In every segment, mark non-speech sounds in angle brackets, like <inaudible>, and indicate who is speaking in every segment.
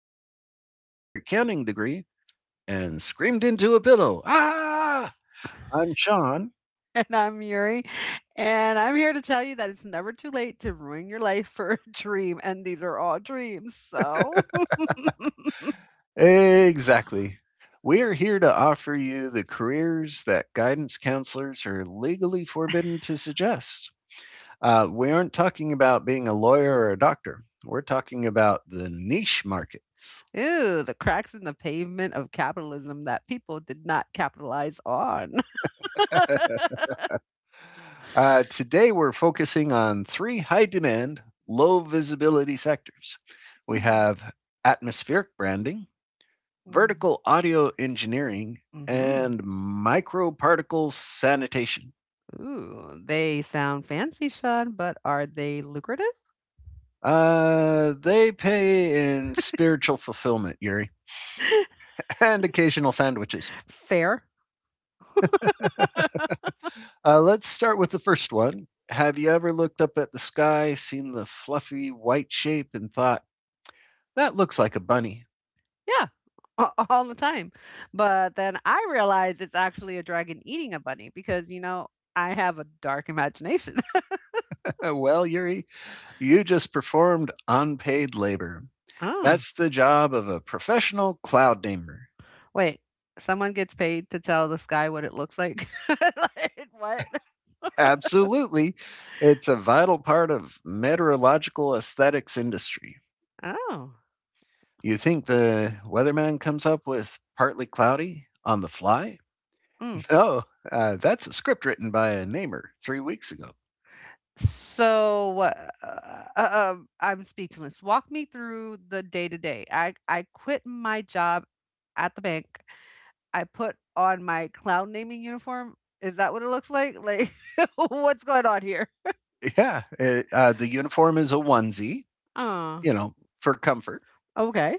Speaker 1: who looked at their accounting degree and screamed into a pillow. Ah! I'm Sean.
Speaker 2: <laughs> And I'm Yuri, and I'm here to tell you that it's never too late to ruin your life for a dream, and these are all dreams. So, <laughs>
Speaker 1: Exactly, we are here to offer you the careers that guidance counselors are legally forbidden to suggest. We aren't talking about being a lawyer or a doctor, we're talking about the niche markets.
Speaker 2: ew, the cracks in the pavement of capitalism that people did not capitalize on.
Speaker 1: Today, we're focusing on three high demand, low visibility sectors. We have atmospheric branding, vertical audio engineering,
Speaker 2: Mm-hmm.
Speaker 1: and microparticle sanitation.
Speaker 2: Ooh, they sound fancy, Sean, but are they lucrative?
Speaker 1: They pay in spiritual fulfillment, Yuri,
Speaker 2: <laughs>
Speaker 1: <laughs> and occasional sandwiches.
Speaker 2: Fair.
Speaker 1: <laughs> uh, let's start with the first one. Have you ever looked up at the sky, seen the fluffy white shape, and thought, that looks like a bunny?
Speaker 2: Yeah. All the time. But then I realized it's actually a dragon eating a bunny because, I have a dark imagination.
Speaker 1: <laughs> Well, Yuri, you just performed unpaid labor.
Speaker 2: <laughs> Oh.
Speaker 1: That's the job of a professional cloud namer.
Speaker 2: Wait, someone gets paid to tell the sky what it looks like? <laughs> Like, what?
Speaker 1: Absolutely. It's a vital part of meteorological aesthetics industry.
Speaker 2: Oh,
Speaker 1: You think the weatherman comes up with partly cloudy on the fly?
Speaker 2: mm.
Speaker 1: No, that's a script written by a namer 3 weeks ago.
Speaker 2: So, I'm speechless. Walk me through the day to day. I quit my job at the bank. I put on my clown naming uniform. Is that what it looks like? Like, <laughs> what's going on here?
Speaker 1: Yeah, the uniform is a onesie,
Speaker 2: Oh,
Speaker 1: you know, for comfort,
Speaker 2: okay.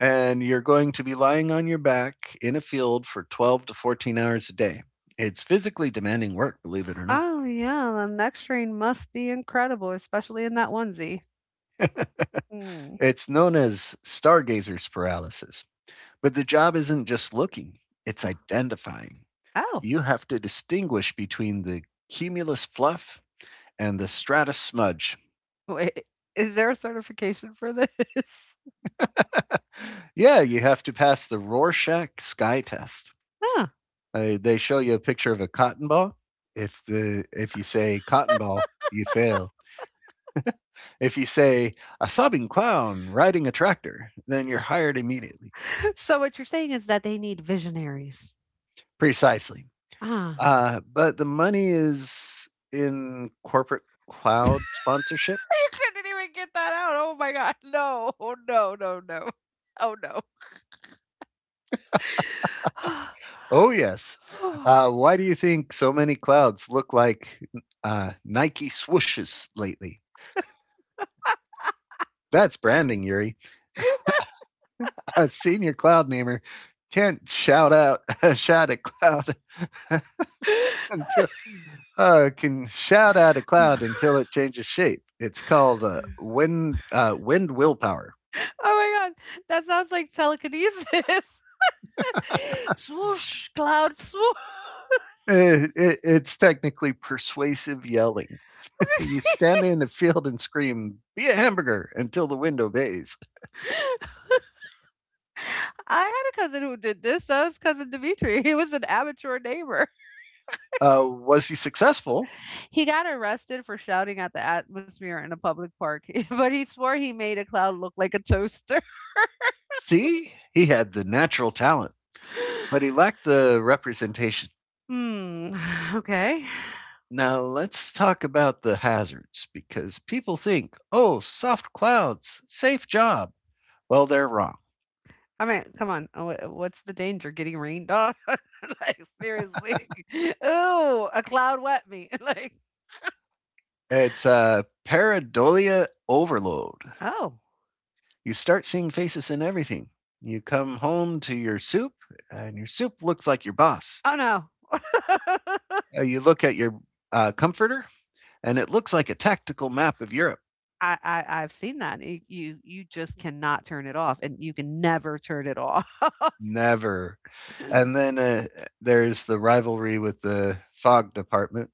Speaker 1: and you're going to be lying on your back in a field for 12 to 14 hours a day. It's physically demanding work, believe it or not.
Speaker 2: Oh, yeah, the next train must be incredible, especially in that onesie.
Speaker 1: <laughs>
Speaker 2: Mm.
Speaker 1: It's known as stargazer's paralysis. But the job isn't just looking, it's identifying.
Speaker 2: Oh.
Speaker 1: You have to distinguish between the cumulus fluff and the stratus smudge.
Speaker 2: Wait, is there a certification for this? <laughs>
Speaker 1: Yeah, you have to pass the Rorschach sky test.
Speaker 2: Huh.
Speaker 1: They show you a picture of a cotton ball. If you say cotton ball, you fail. If you say a sobbing clown riding a tractor, then you're hired immediately.
Speaker 2: So what you're saying is that they need visionaries.
Speaker 1: Precisely.
Speaker 2: Ah.
Speaker 1: But the money is in corporate cloud sponsorship.
Speaker 2: <laughs> You couldn't even get that out. Oh my god. No. Oh no, no, no. Oh no.
Speaker 1: Oh, yes.
Speaker 2: <laughs>
Speaker 1: Why do you think so many clouds look like Nike swooshes lately? That's branding, Yuri. A senior cloud namer can't <laughs> shout at cloud <laughs> until can shout at a cloud
Speaker 2: <sighs>
Speaker 1: until it changes shape. It's called wind willpower.
Speaker 2: Oh my god, that sounds like telekinesis. <laughs> Swoosh, cloud swoosh.
Speaker 1: It's technically persuasive yelling. <laughs> You
Speaker 2: <laughs>
Speaker 1: stand in a field and scream, "Be a hamburger!" until the wind obeys.
Speaker 2: I had a cousin who did this. That was cousin Dimitri. He was an amateur neighbor.
Speaker 1: Was he successful?
Speaker 2: He got arrested for shouting at the atmosphere in a public park, <laughs> but he swore he made a cloud look like a toaster.
Speaker 1: See, he had the natural talent, but he
Speaker 2: <laughs>
Speaker 1: lacked the representation.
Speaker 2: Hmm, <sighs> okay.
Speaker 1: Now let's talk about the hazards because people think, "Oh, soft clouds, safe job." Well, they're wrong.
Speaker 2: I mean, come on. What's the danger? Getting rained on? <laughs> Like, seriously. <laughs> Ooh, a cloud wet me. <laughs> Like,
Speaker 1: It's pareidolia overload.
Speaker 2: oh,
Speaker 1: You start seeing faces in everything. You come home to your soup, and your soup looks like your boss.
Speaker 2: oh no. <laughs>
Speaker 1: You look at your comforter, and it looks like a tactical map of Europe.
Speaker 2: I've seen that. You just cannot turn it off, and you can never turn it off.
Speaker 1: Never. And
Speaker 2: <laughs>
Speaker 1: then there's the rivalry with the fog department.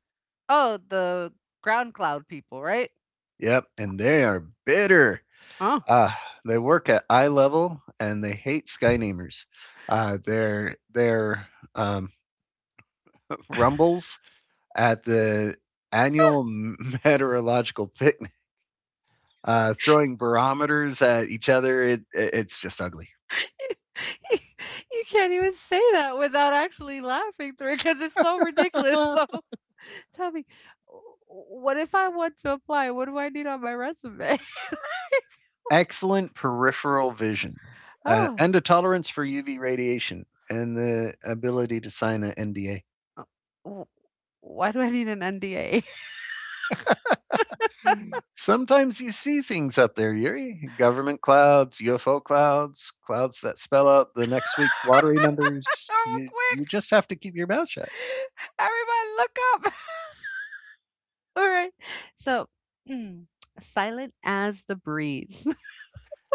Speaker 2: Oh, the ground cloud people, right?
Speaker 1: Yep, and they are bitter.
Speaker 2: Oh,
Speaker 1: Uh, they work at eye level, and they hate Skynamers. Their um, rumbles at the annual <laughs> meteorological picnic, throwing barometers at each other. It's just ugly.
Speaker 2: <laughs> you can't even say that without actually laughing through it because it's so ridiculous. So
Speaker 1: <laughs>
Speaker 2: <laughs> tell me, w what if I want to apply? What do I need on my resume? <laughs>
Speaker 1: Excellent peripheral vision
Speaker 2: Oh,
Speaker 1: and a tolerance for UV radiation and the ability to sign an NDA.
Speaker 2: uh, w why do I need an NDA? <laughs>
Speaker 1: Sometimes you see things up there, Yuri. Government clouds, UFO clouds, clouds that spell out the next week's lottery numbers.
Speaker 2: Oh,
Speaker 1: You
Speaker 2: quick.
Speaker 1: just have to keep your mouth shut.
Speaker 2: Everybody look up. <laughs> Alright. So, <clears throat> silent as the breeze.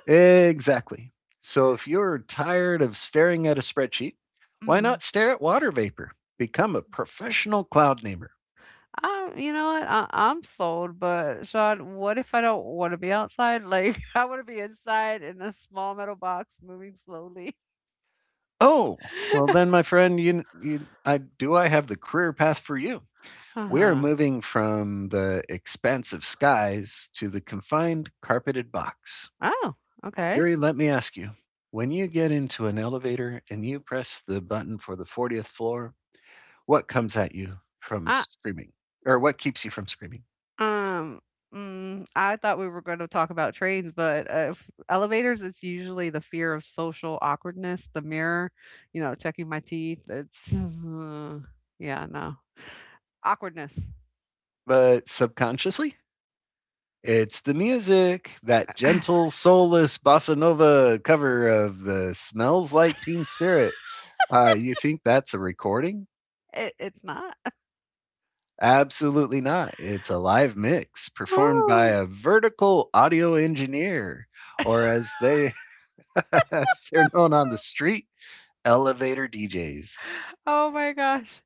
Speaker 1: Exactly. So if you're tired of staring at a spreadsheet,
Speaker 2: <laughs>
Speaker 1: why not
Speaker 2: Mm.
Speaker 1: stare at water vapor? Become a professional cloud namer.
Speaker 2: You know what? I'm sold, but Sean, what if I don't want to be outside? Like, <laughs> I want to be inside in a small metal box moving slowly.
Speaker 1: Oh, well then,
Speaker 2: <laughs>
Speaker 1: my friend, you I do I have the career path for you. We're
Speaker 2: Uh-huh.
Speaker 1: moving from the expansive skies to the confined carpeted box.
Speaker 2: Oh, okay.
Speaker 1: Yuri, let me ask you. When you get into an elevator and you press the button for the 40th floor, what comes at you from
Speaker 2: I
Speaker 1: screaming? Or what keeps you from screaming?
Speaker 2: um Mm, I thought we were going to talk about trains, but elevators, it's usually the fear of social awkwardness, the mirror, you know, checking my teeth. It's yeah, no. Awkwardness.
Speaker 1: But subconsciously, it's the music, that
Speaker 2: <laughs>
Speaker 1: gentle, soulless bossa nova cover of the Smells Like Teen Spirit. You think that's a recording?
Speaker 2: It, it's not. <laughs>
Speaker 1: Absolutely not. It's a live mix performed by
Speaker 2: Oh,
Speaker 1: a vertical audio engineer, or as they <laughs> as they're known on the street, elevator DJs. <laughs>
Speaker 2: oh my gosh.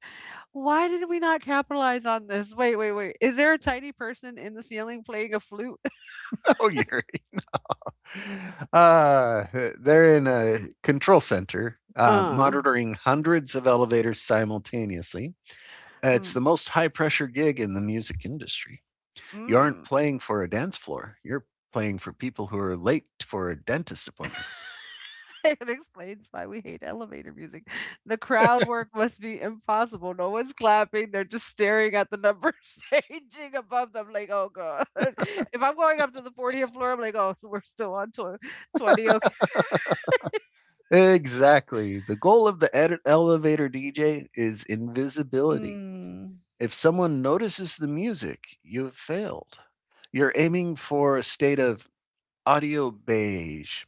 Speaker 2: Why did we not capitalize on this? Wait, wait, wait. Is there a tiny person in the ceiling playing a flute? <laughs>
Speaker 1: Oh, Yuri. Uh, they're in a control center
Speaker 2: Uh.
Speaker 1: monitoring hundreds of elevators simultaneously. It's
Speaker 2: Mm,
Speaker 1: the most high pressure gig in the music industry. You aren't
Speaker 2: mm.
Speaker 1: playing for a dance floor. You're playing for people who are late for a dentist appointment.
Speaker 2: <laughs> It explains why we hate elevator music. The crowd work must be impossible. No one's clapping. They're just staring at the numbers <laughs> changing above them. Like, oh god. <laughs> If I'm going up to the 40th floor, I'm like, oh, <laughs> we're still on 20. Okay.
Speaker 1: Exactly. The goal of the elevator DJ is invisibility.
Speaker 2: Mm.
Speaker 1: If someone notices the music, you've failed. You're aiming for a state of audio beige.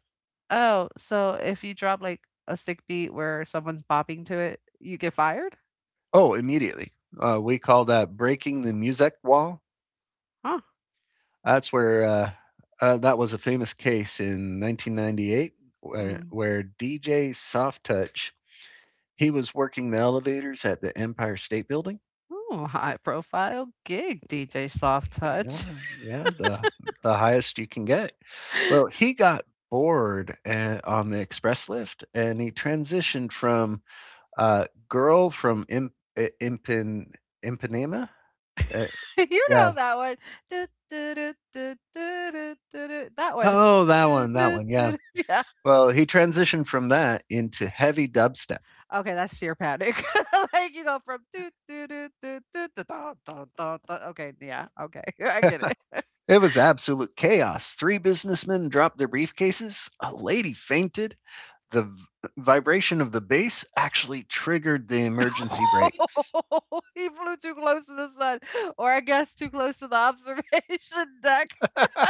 Speaker 2: Oh, so if you drop like a sick beat where someone's bopping to it, you get fired?
Speaker 1: Oh, immediately. We call that breaking the music wall.
Speaker 2: Huh.
Speaker 1: That's where that was a famous case in 1998
Speaker 2: Mm.
Speaker 1: where DJ Soft Touch he was working the elevators at the Empire State Building.
Speaker 2: Ooh, high profile gig, DJ Soft Touch.
Speaker 1: Yeah, yeah, the highest you can get. Well,
Speaker 2: <laughs>
Speaker 1: he got bored on the express lift, and he transitioned from girl from Imp, Impan, Impanema. Uh,
Speaker 2: You
Speaker 1: yeah.
Speaker 2: know that one. Do, do, do, do, do, do, do, do. That one.
Speaker 1: Oh, that
Speaker 2: Do,
Speaker 1: one, that
Speaker 2: do,
Speaker 1: one. Yeah.
Speaker 2: do, do. <laughs> Yeah.
Speaker 1: Well, he transitioned from that into heavy dubstep.
Speaker 2: Okay, that's sheer panic. <laughs> Like you go from do, do, do, do, do, do, da, da, da, da. Okay, yeah, okay. <laughs> I get it.
Speaker 1: It was absolute chaos. Three businessmen dropped their briefcases, a lady fainted. The vibration of the bass actually triggered the emergency brakes.
Speaker 2: <laughs> He flew too close to the sun, or I guess too close to the <laughs> observation deck.
Speaker 1: <laughs>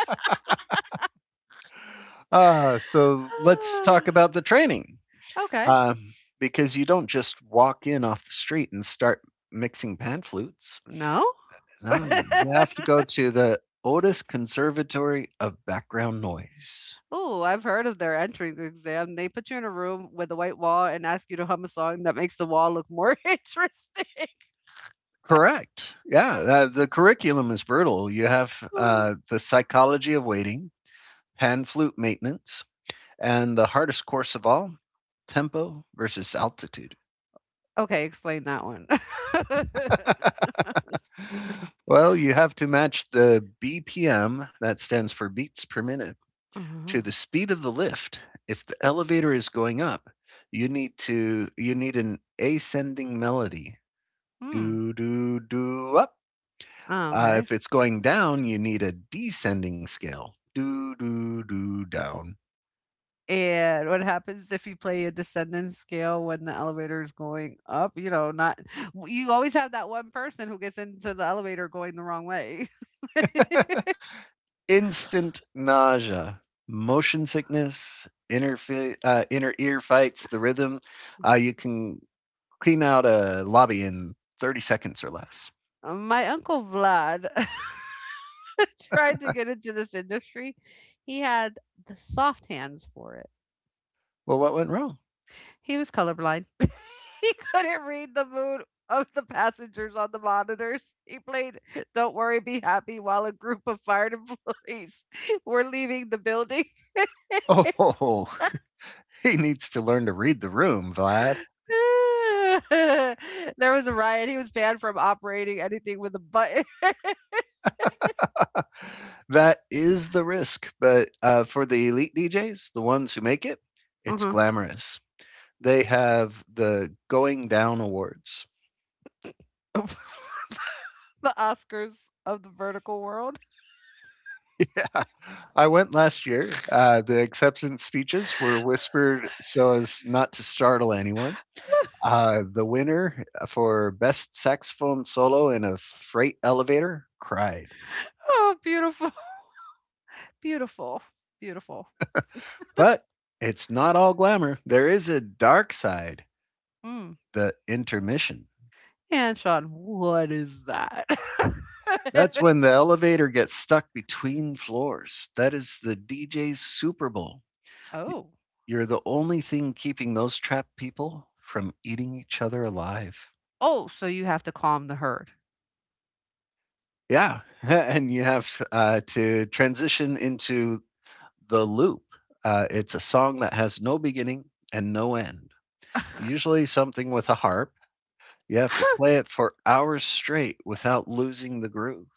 Speaker 1: So let's talk about
Speaker 2: <sighs>
Speaker 1: the training,
Speaker 2: Okay.
Speaker 1: Uh, because you don't just walk in off the street and start mixing pan flutes.
Speaker 2: No?
Speaker 1: No, you
Speaker 2: <laughs>
Speaker 1: have to go to the Otis Conservatory of Background Noise.
Speaker 2: Oh, I've heard of their entrance exam. They put you in a room with a white wall and ask you to hum a song that makes the wall look more <laughs> interesting. <gasps>
Speaker 1: Correct. Yeah, the curriculum is brutal. You have
Speaker 2: Oh.
Speaker 1: the psychology of waiting, pan flute maintenance, and the hardest course of all, tempo versus altitude.
Speaker 2: Okay, explain that one. <laughs>
Speaker 1: <laughs> Well, you have to match the BPM, that stands for beats per minute,
Speaker 2: Uh-huh.
Speaker 1: to the speed of the lift. If the elevator is going up, you need an ascending melody.
Speaker 2: Hmm.
Speaker 1: Do do do up.
Speaker 2: Oh, okay.
Speaker 1: If it's going down, you need a descending scale. Do do do down.
Speaker 2: And what happens if you play a descending scale when the elevator is going up? You know, not you always have that one person who gets into the elevator going the wrong way.
Speaker 1: <laughs> Instant nausea, motion sickness, inner ear fights, the rhythm. You can clean out a lobby in 30 seconds or less.
Speaker 2: <laughs> My uncle Vlad <laughs> tried to get into this industry. He had the soft hands for it.
Speaker 1: Well, what went wrong?
Speaker 2: He was colorblind. <laughs> He couldn't read the mood of the passengers on the monitors. He played Don't Worry, Be Happy while a group of fired employees <laughs> were leaving the building.
Speaker 1: Oh, <laughs> he needs to learn to read the room, Vlad.
Speaker 2: <laughs> There was a riot. He was banned from operating anything with a button. <laughs>
Speaker 1: That is the risk, but for the elite DJs, the ones who make it, it's
Speaker 2: Mhm.
Speaker 1: glamorous. They have the Going Down Awards.
Speaker 2: <laughs> The Oscars of the vertical world.
Speaker 1: Yeah, I went last year. The acceptance speeches were whispered so as not to startle anyone. The winner for best saxophone solo in a freight elevator cried.
Speaker 2: Oh, beautiful. Beautiful. Beautiful.
Speaker 1: But it's not all glamour. There is a dark side,
Speaker 2: Mm.
Speaker 1: the intermission.
Speaker 2: And Sean, what is that?
Speaker 1: That's when the
Speaker 2: <laughs>
Speaker 1: elevator gets stuck between floors. That is the DJ's Super Bowl.
Speaker 2: Oh.
Speaker 1: You're the only thing keeping those trapped people from eating each other alive.
Speaker 2: Oh, so you have to calm the herd. <laughs>
Speaker 1: Yeah, <laughs> and you have to transition into the loop. It's a song that has no beginning and no end, usually something with a harp. You have to play it for hours straight without losing the groove.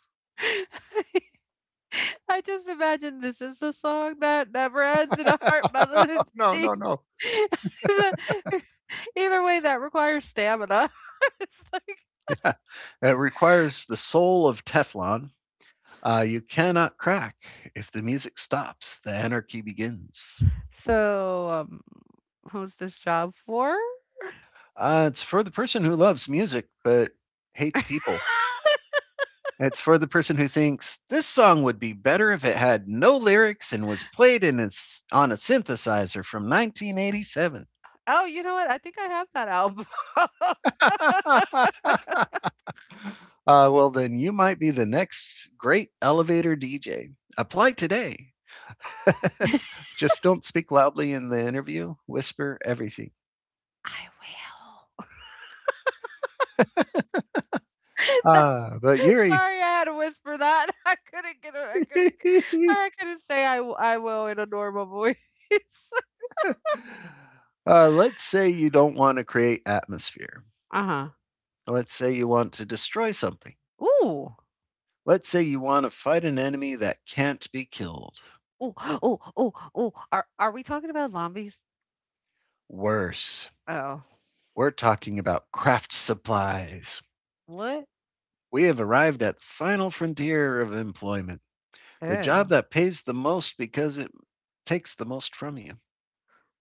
Speaker 2: I just imagine this is the song that never ends in a heart melody.
Speaker 1: <laughs> No, no,
Speaker 2: <laughs>
Speaker 1: no. <laughs>
Speaker 2: The- Either way, that requires stamina. <laughs> It's like,
Speaker 1: Yeah. It requires the soul of Teflon. You cannot crack. If the music stops, the anarchy begins.
Speaker 2: so, who's this job for?
Speaker 1: It's for the person who loves music but hates
Speaker 2: <laughs>
Speaker 1: people. It's for the person who thinks this song would be better if it had no lyrics and was played in a s on a synthesizer from 1987.
Speaker 2: Oh, you know what? I think I have that album. <laughs> I
Speaker 1: <laughs> uh, well, then you might be the next great elevator DJ. Apply today. <laughs> Just don't speak loudly in the interview. Whisper everything.
Speaker 2: will.
Speaker 1: Ah, uh,
Speaker 2: <laughs>
Speaker 1: but
Speaker 2: <laughs>
Speaker 1: Yuri,
Speaker 2: Sorry, I had to whisper that. <laughs> I couldn't get
Speaker 1: <laughs>
Speaker 2: I couldn't say I w I will in a normal voice. <laughs>
Speaker 1: let's say you don't want to create atmosphere.
Speaker 2: Uh-huh.
Speaker 1: Let's say you want to destroy something.
Speaker 2: Ooh.
Speaker 1: Let's say you want to fight an enemy that can't be killed.
Speaker 2: Ooh, <gasps> ooh, ooh, ooh. Are we talking about zombies?
Speaker 1: Worse,
Speaker 2: Oh.
Speaker 1: we're talking about craft supplies.
Speaker 2: What?
Speaker 1: We have arrived at the final frontier of employment, the job
Speaker 2: Oh,
Speaker 1: that pays the most because it takes the most from you.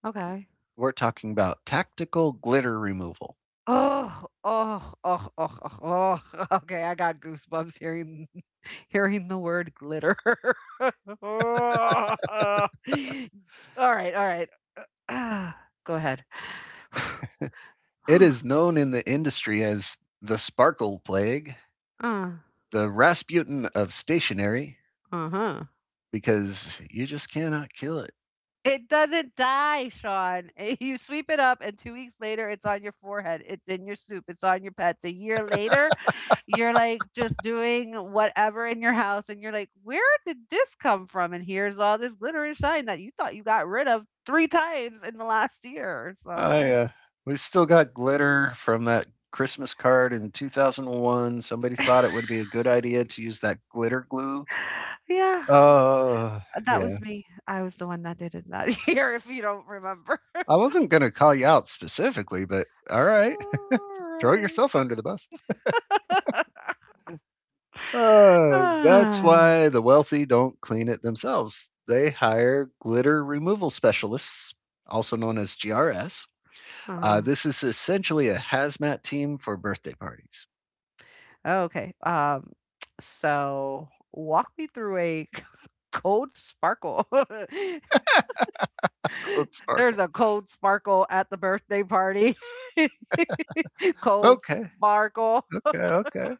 Speaker 2: okay.
Speaker 1: We're talking about tactical glitter removal.
Speaker 2: Oh, oh, oh, oh, oh, oh. <laughs> Okay, I got goosebumps hearing <laughs> hearing the word glitter. <laughs> Alright, alright. <sighs> Go ahead. <sighs>
Speaker 1: It is
Speaker 2: <sighs>
Speaker 1: known in the industry as the sparkle plague,
Speaker 2: Uh.
Speaker 1: the Rasputin of stationery,
Speaker 2: Uh-huh.
Speaker 1: because you just cannot kill it. <laughs>
Speaker 2: It doesn't die, Sean. <laughs> You sweep it up, and 2 weeks later, it's on your forehead. It's in your soup. It's on your pets. A year later, you're, like, just doing whatever in your house, and you're like, "Where did this come from? And here's all this glitter and shine that you thought you got rid of 3 times in the last year." So,
Speaker 1: I we still got glitter from that Christmas card in 2001. Somebody thought it
Speaker 2: <laughs>
Speaker 1: would be a good idea to use that glitter glue.
Speaker 2: yeah,
Speaker 1: Uh,
Speaker 2: that
Speaker 1: yeah.
Speaker 2: was me. I was the one that did it that <laughs> year, if you don't remember.
Speaker 1: I wasn't going to call you out specifically, but all
Speaker 2: <laughs>
Speaker 1: right. <laughs> Throw
Speaker 2: Alright.
Speaker 1: yourself under the bus. That's why the
Speaker 2: <sighs>
Speaker 1: wealthy don't clean it themselves. They hire glitter removal specialists, also known as GRS.
Speaker 2: Uh-huh.
Speaker 1: This is essentially a hazmat team for birthday parties.
Speaker 2: Oh, okay. So walk me through a <laughs> cold sparkle. <laughs>
Speaker 1: Let's
Speaker 2: There's
Speaker 1: sparkle.
Speaker 2: a cold sparkle at the birthday party. <laughs> Cold
Speaker 1: Okay.
Speaker 2: sparkle.
Speaker 1: Okay. Okay.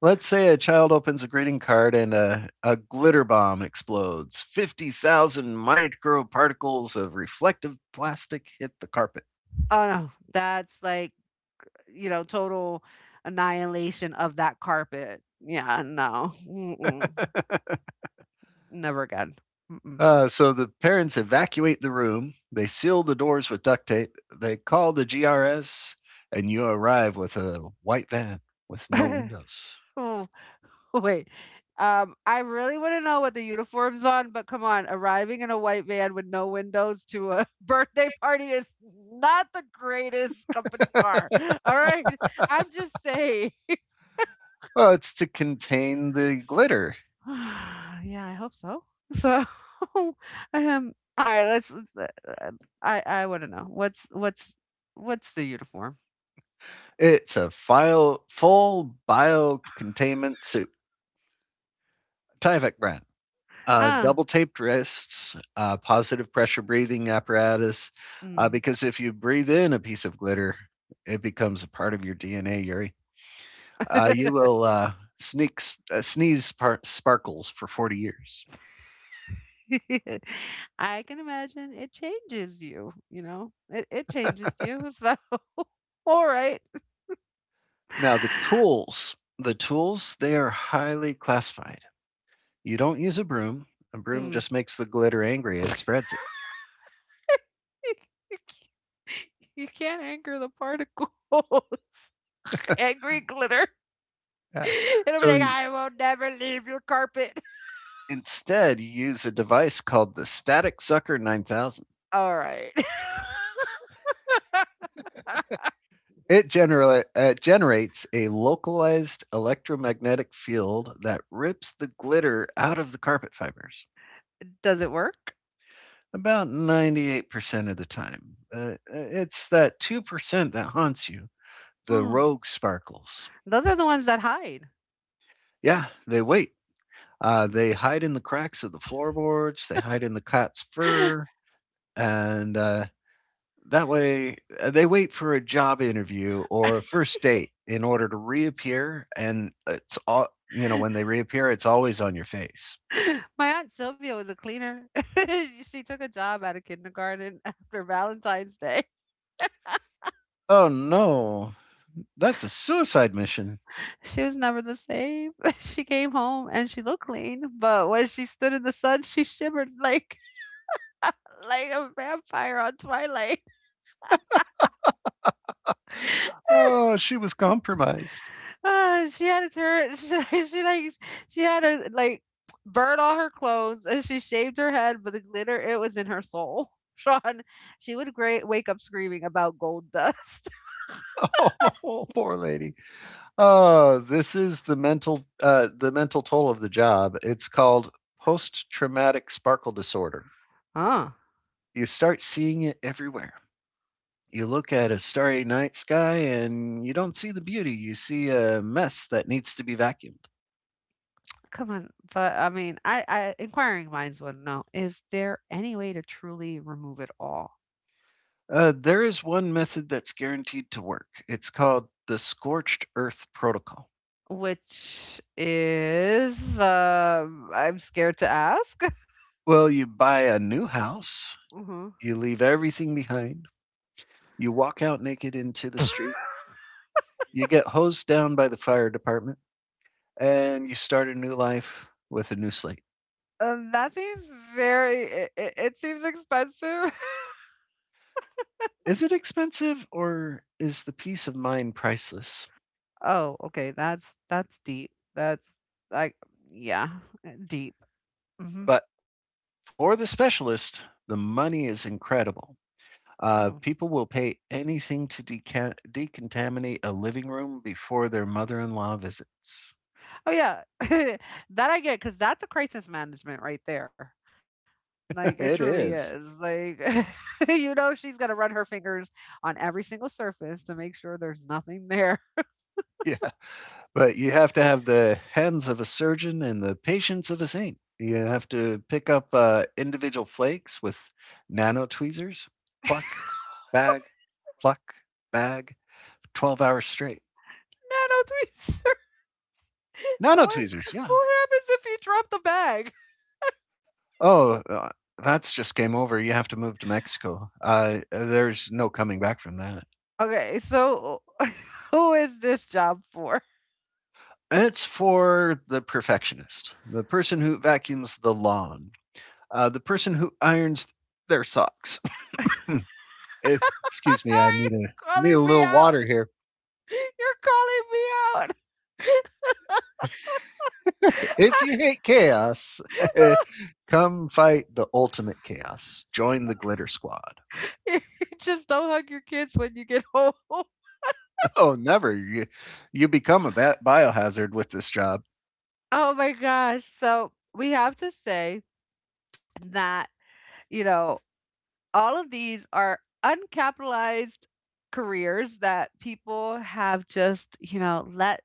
Speaker 1: Let's say a child opens a greeting card and a glitter bomb explodes. 50,000 microparticles of reflective plastic hit the carpet.
Speaker 2: Oh no, that's like, you know, total annihilation of that carpet. Yeah, no. Mm-mm. Never again.
Speaker 1: So the parents evacuate the room. They seal the doors with duct tape. They call the GRS, and you arrive with a white van with no
Speaker 2: Mm-mm.
Speaker 1: windows.
Speaker 2: <laughs> <laughs> <laughs> Wait. I really want to know what the uniform's on, but come on, arriving in a white van with no windows to a <laughs> birthday party is not the greatest company car. <laughs> All right. I'm just saying.
Speaker 1: Well, it's to contain the glitter.
Speaker 2: <sighs> Yeah, I hope so. So <laughs> all right, let's, uh, I want to know what's the uniform?
Speaker 1: It's a full bio containment suit, Tyvek brand.
Speaker 2: Ah.
Speaker 1: Double taped wrists, positive pressure breathing apparatus,
Speaker 2: Mm.
Speaker 1: because if you breathe in a piece of glitter, it becomes a part of your DNA, Yuri.
Speaker 2: <laughs>
Speaker 1: You will sneak, sneeze sparkles for 40 years.
Speaker 2: I can imagine it changes you, you know. It changes you. <laughs> So alright.
Speaker 1: Now, the tools, they are highly classified. You don't use a broom. A broom
Speaker 2: Mm. <laughs>
Speaker 1: just makes the glitter angry. It spreads it.
Speaker 2: You you c you can't anger the particles. <laughs> Angry glitter.
Speaker 1: Yeah.
Speaker 2: <laughs> It'll be
Speaker 1: So
Speaker 2: like, "I will never leave your carpet."
Speaker 1: instead, you use a device called the Static Sucker 9000.
Speaker 2: <laughs> Alright. <laughs>
Speaker 1: It generates a localized electromagnetic field that rips the glitter out of the carpet fibers
Speaker 2: Does it work? <gasps>
Speaker 1: about 98% of the time. It's that 2% that haunts you, the
Speaker 2: Hmm.
Speaker 1: rogue sparkles.
Speaker 2: Those are the ones that hide.
Speaker 1: Yeah, they wait. They hide in the cracks of the floorboards, they hide in the cat's fur,
Speaker 2: <laughs>
Speaker 1: and that way, they wait for a job interview or a first date in order to reappear, and it's all you know. When they reappear, it's always on your face.
Speaker 2: My aunt Sylvia was a cleaner. <laughs> She took a job at a kindergarten <laughs> after Valentine's Day.
Speaker 1: Oh no, that's a suicide mission.
Speaker 2: She was never the same. <laughs> She came home and she looked clean, but when she stood in the sun, she shimmered like a vampire on Twilight. <laughs>
Speaker 1: Oh, she was compromised.
Speaker 2: Ah, she had to turn. <laughs> She had to like burn all her clothes and she shaved her head, but the glitter it was in her soul. <laughs> Sean, she would great wake up screaming about gold dust.
Speaker 1: <laughs> Oh, poor lady. Oh, this is the mental toll of the job. It's called post traumatic sparkle disorder.
Speaker 2: <laughs> Huh.
Speaker 1: You start seeing it everywhere. You look at a starry night sky and you don't see the beauty, you see a mess that needs to be vacuumed.
Speaker 2: Come on, but I mean, I inquiring minds would know: is there any way to truly remove it all?
Speaker 1: There is one method that's guaranteed to work. It's called the scorched earth protocol.
Speaker 2: Which is, I'm scared to ask.
Speaker 1: Well, you buy a new house,
Speaker 2: <laughs> Hmm.
Speaker 1: you leave everything behind, you walk out naked into the street, you get hosed down by the fire department, and you start a new life with a new slate.
Speaker 2: That seems very it seems expensive. <laughs>
Speaker 1: Is it expensive or is the peace of mind priceless?
Speaker 2: Oh, okay, that's deep. That's like yeah, deep. Hmm.
Speaker 1: But for the specialist, the money is incredible.
Speaker 2: Mm.
Speaker 1: People will pay anything to decontaminate a living room before their mother in law visits.
Speaker 2: Oh yeah. <laughs> That I get cuz that's a crisis management right there.
Speaker 1: <laughs>
Speaker 2: Like it
Speaker 1: It
Speaker 2: truly
Speaker 1: is.
Speaker 2: is. Like <laughs> you know she's going to run her fingers on every single surface to make sure there's nothing there.
Speaker 1: Yeah. But you have to have the hands of a surgeon and the patience of a saint. You have to pick up individual flakes with nano tweezers, pluck, bag, pluck, bag, 12 hours straight.
Speaker 2: <laughs> Nano tweets. <laughs>
Speaker 1: Nano
Speaker 2: what
Speaker 1: tweezers, yeah.
Speaker 2: what happens if you drop the bag?
Speaker 1: Oh, that's just game over. You have to move to Mexico. There's no coming back from that.
Speaker 2: Okay, so <laughs> who is this job for?
Speaker 1: It's for the perfectionist, the person who vacuums the lawn, the person who irons their socks. <laughs> If,
Speaker 2: Are
Speaker 1: excuse me, I
Speaker 2: you
Speaker 1: need a need a
Speaker 2: calling me
Speaker 1: little
Speaker 2: out?
Speaker 1: water here.
Speaker 2: <laughs> You're calling
Speaker 1: <laughs> If you hate chaos, <laughs> come fight the ultimate chaos. Join the glitter squad.
Speaker 2: me out. <laughs> Just don't hug your kids when you get home. <laughs>
Speaker 1: <laughs> Oh, never. You become a biohazard with this job.
Speaker 2: Oh my gosh. So we have to say that, you know, all of these are uncapitalized careers that people have just,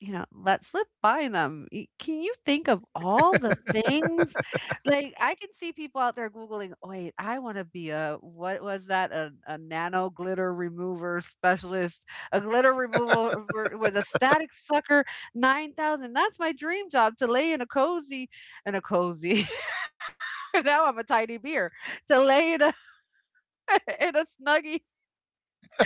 Speaker 2: you know, let slip by them. Y can you think of all the things? Like, I can see people out there Googling, "Wait, I wanna be a" what was that? A nano glitter remover specialist, a glitter remover ver with a static sucker, 9,000. That's my dream job to lay in a cozy <laughs> now I'm a tiny beer, to lay in a <laughs> in a Snuggie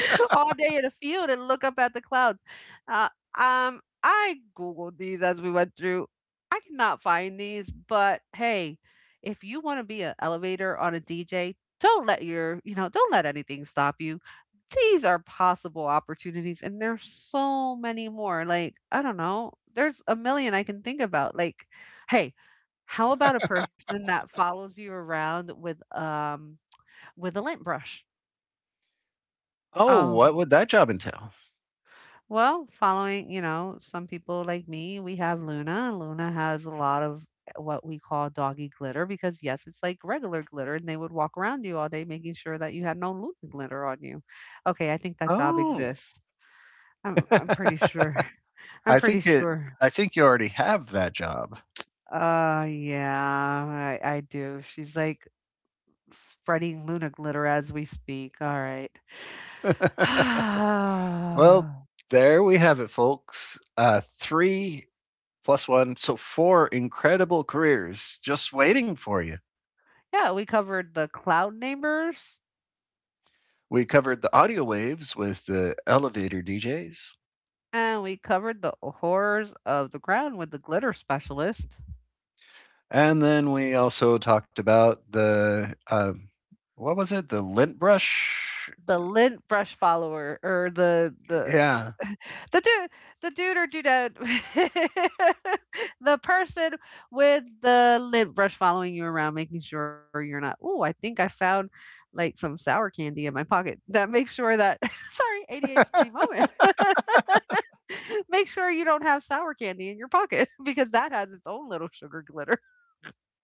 Speaker 2: <laughs> all day in the field and look up at the clouds. Uh, I googled these as we went through. I cannot find these, but hey, if you want to be an elevator on a DJ, don't let your, you know, don't let anything stop you. These are possible opportunities, and there's so many more. Like, I don't know, there's a million I can think about. Like, hey, how about a person that follows you around with a lint brush?
Speaker 1: Oh, what
Speaker 2: Um
Speaker 1: would that job entail?
Speaker 2: Well, following, you know, some people like me, we have Luna. And Luna has a lot of what we call doggy glitter because, yes, it's like regular glitter, and they would walk around you all day making sure that you had no Luna glitter on you. Okay, I think that job
Speaker 1: Oh,
Speaker 2: exists. I'm pretty
Speaker 1: <laughs>
Speaker 2: sure. <laughs> I'm
Speaker 1: I
Speaker 2: pretty
Speaker 1: think it.
Speaker 2: sure.
Speaker 1: I think you already have that job.
Speaker 2: Yeah, I do. She's like spreading Luna glitter as we speak. All right.
Speaker 1: <laughs>
Speaker 2: <sighs>
Speaker 1: Well, there we have it, folks. Three plus one, so four incredible careers just waiting for you.
Speaker 2: Yeah, we covered the cloud neighbors.
Speaker 1: We covered the audio waves with the elevator DJs,
Speaker 2: And we covered the horrors of the ground with the glitter specialist,
Speaker 1: and then we also talked about the what was it? The lint brush.
Speaker 2: the lint brush follower, or the
Speaker 1: Yeah.
Speaker 2: <laughs> the dude, the dude or dudette, <laughs> the person with the lint brush following you around, making sure you're not. Oh, I think I found like some sour candy in my pocket. That makes sure that <laughs> sorry, ADHD moment. <laughs> Make sure you don't have sour candy in your pocket <laughs> because that has its own little sugar glitter.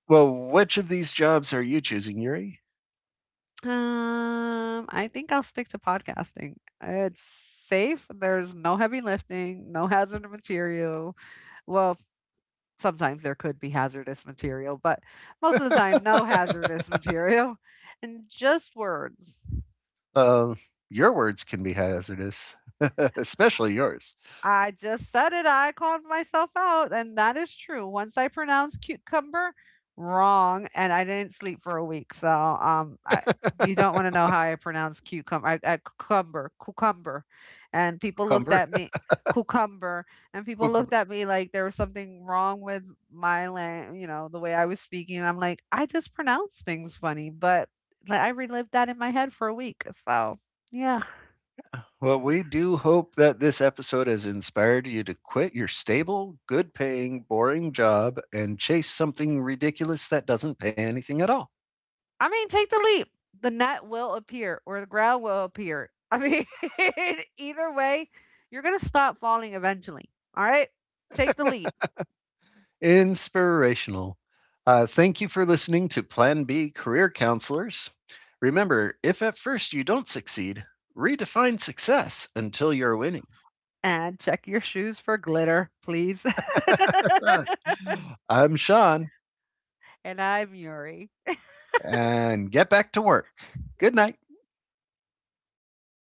Speaker 1: Well, which of these jobs are you choosing, Yuri?
Speaker 2: I think I'll stick to podcasting. It's safe. There's no heavy lifting, no hazardous material. Well, sometimes there could be hazardous material, but most of the time, no hazardous material <laughs> and just words.
Speaker 1: Uh, your words can be hazardous, <laughs> especially yours.
Speaker 2: I just said it. I called myself out, and that is true. Once I pronounced cucumber wrong, and I didn't sleep for a week. So, you
Speaker 1: <laughs>
Speaker 2: don't want to know how I pronounce cucumber. I cucumber, cucumber, and people looked
Speaker 1: Cucumber.
Speaker 2: at me, cucumber, and
Speaker 1: <laughs>
Speaker 2: people looked
Speaker 1: Cucumber.
Speaker 2: at me like there was something wrong with my land. You know, the way I was speaking. And I'm like, I just pronounce things funny, but like, I relived that in my head for a week. So, yeah.
Speaker 1: Well, we do hope that this episode has inspired you to quit your stable, good paying, boring job and chase something ridiculous that doesn't pay anything at all.
Speaker 2: I mean, take the leap. The net will appear or the ground will appear. I mean, <laughs> either way, you're going to stop falling eventually. All right? Take the leap
Speaker 1: Inspirational. Thank you for listening to Plan B Career Counselors. Remember, if at first you don't succeed, redefine success until you're winning.
Speaker 2: and check your shoes for glitter, please.
Speaker 1: <laughs> I'm Sean,
Speaker 2: <laughs> And I'm Yuri.
Speaker 1: and get back to work. Good night.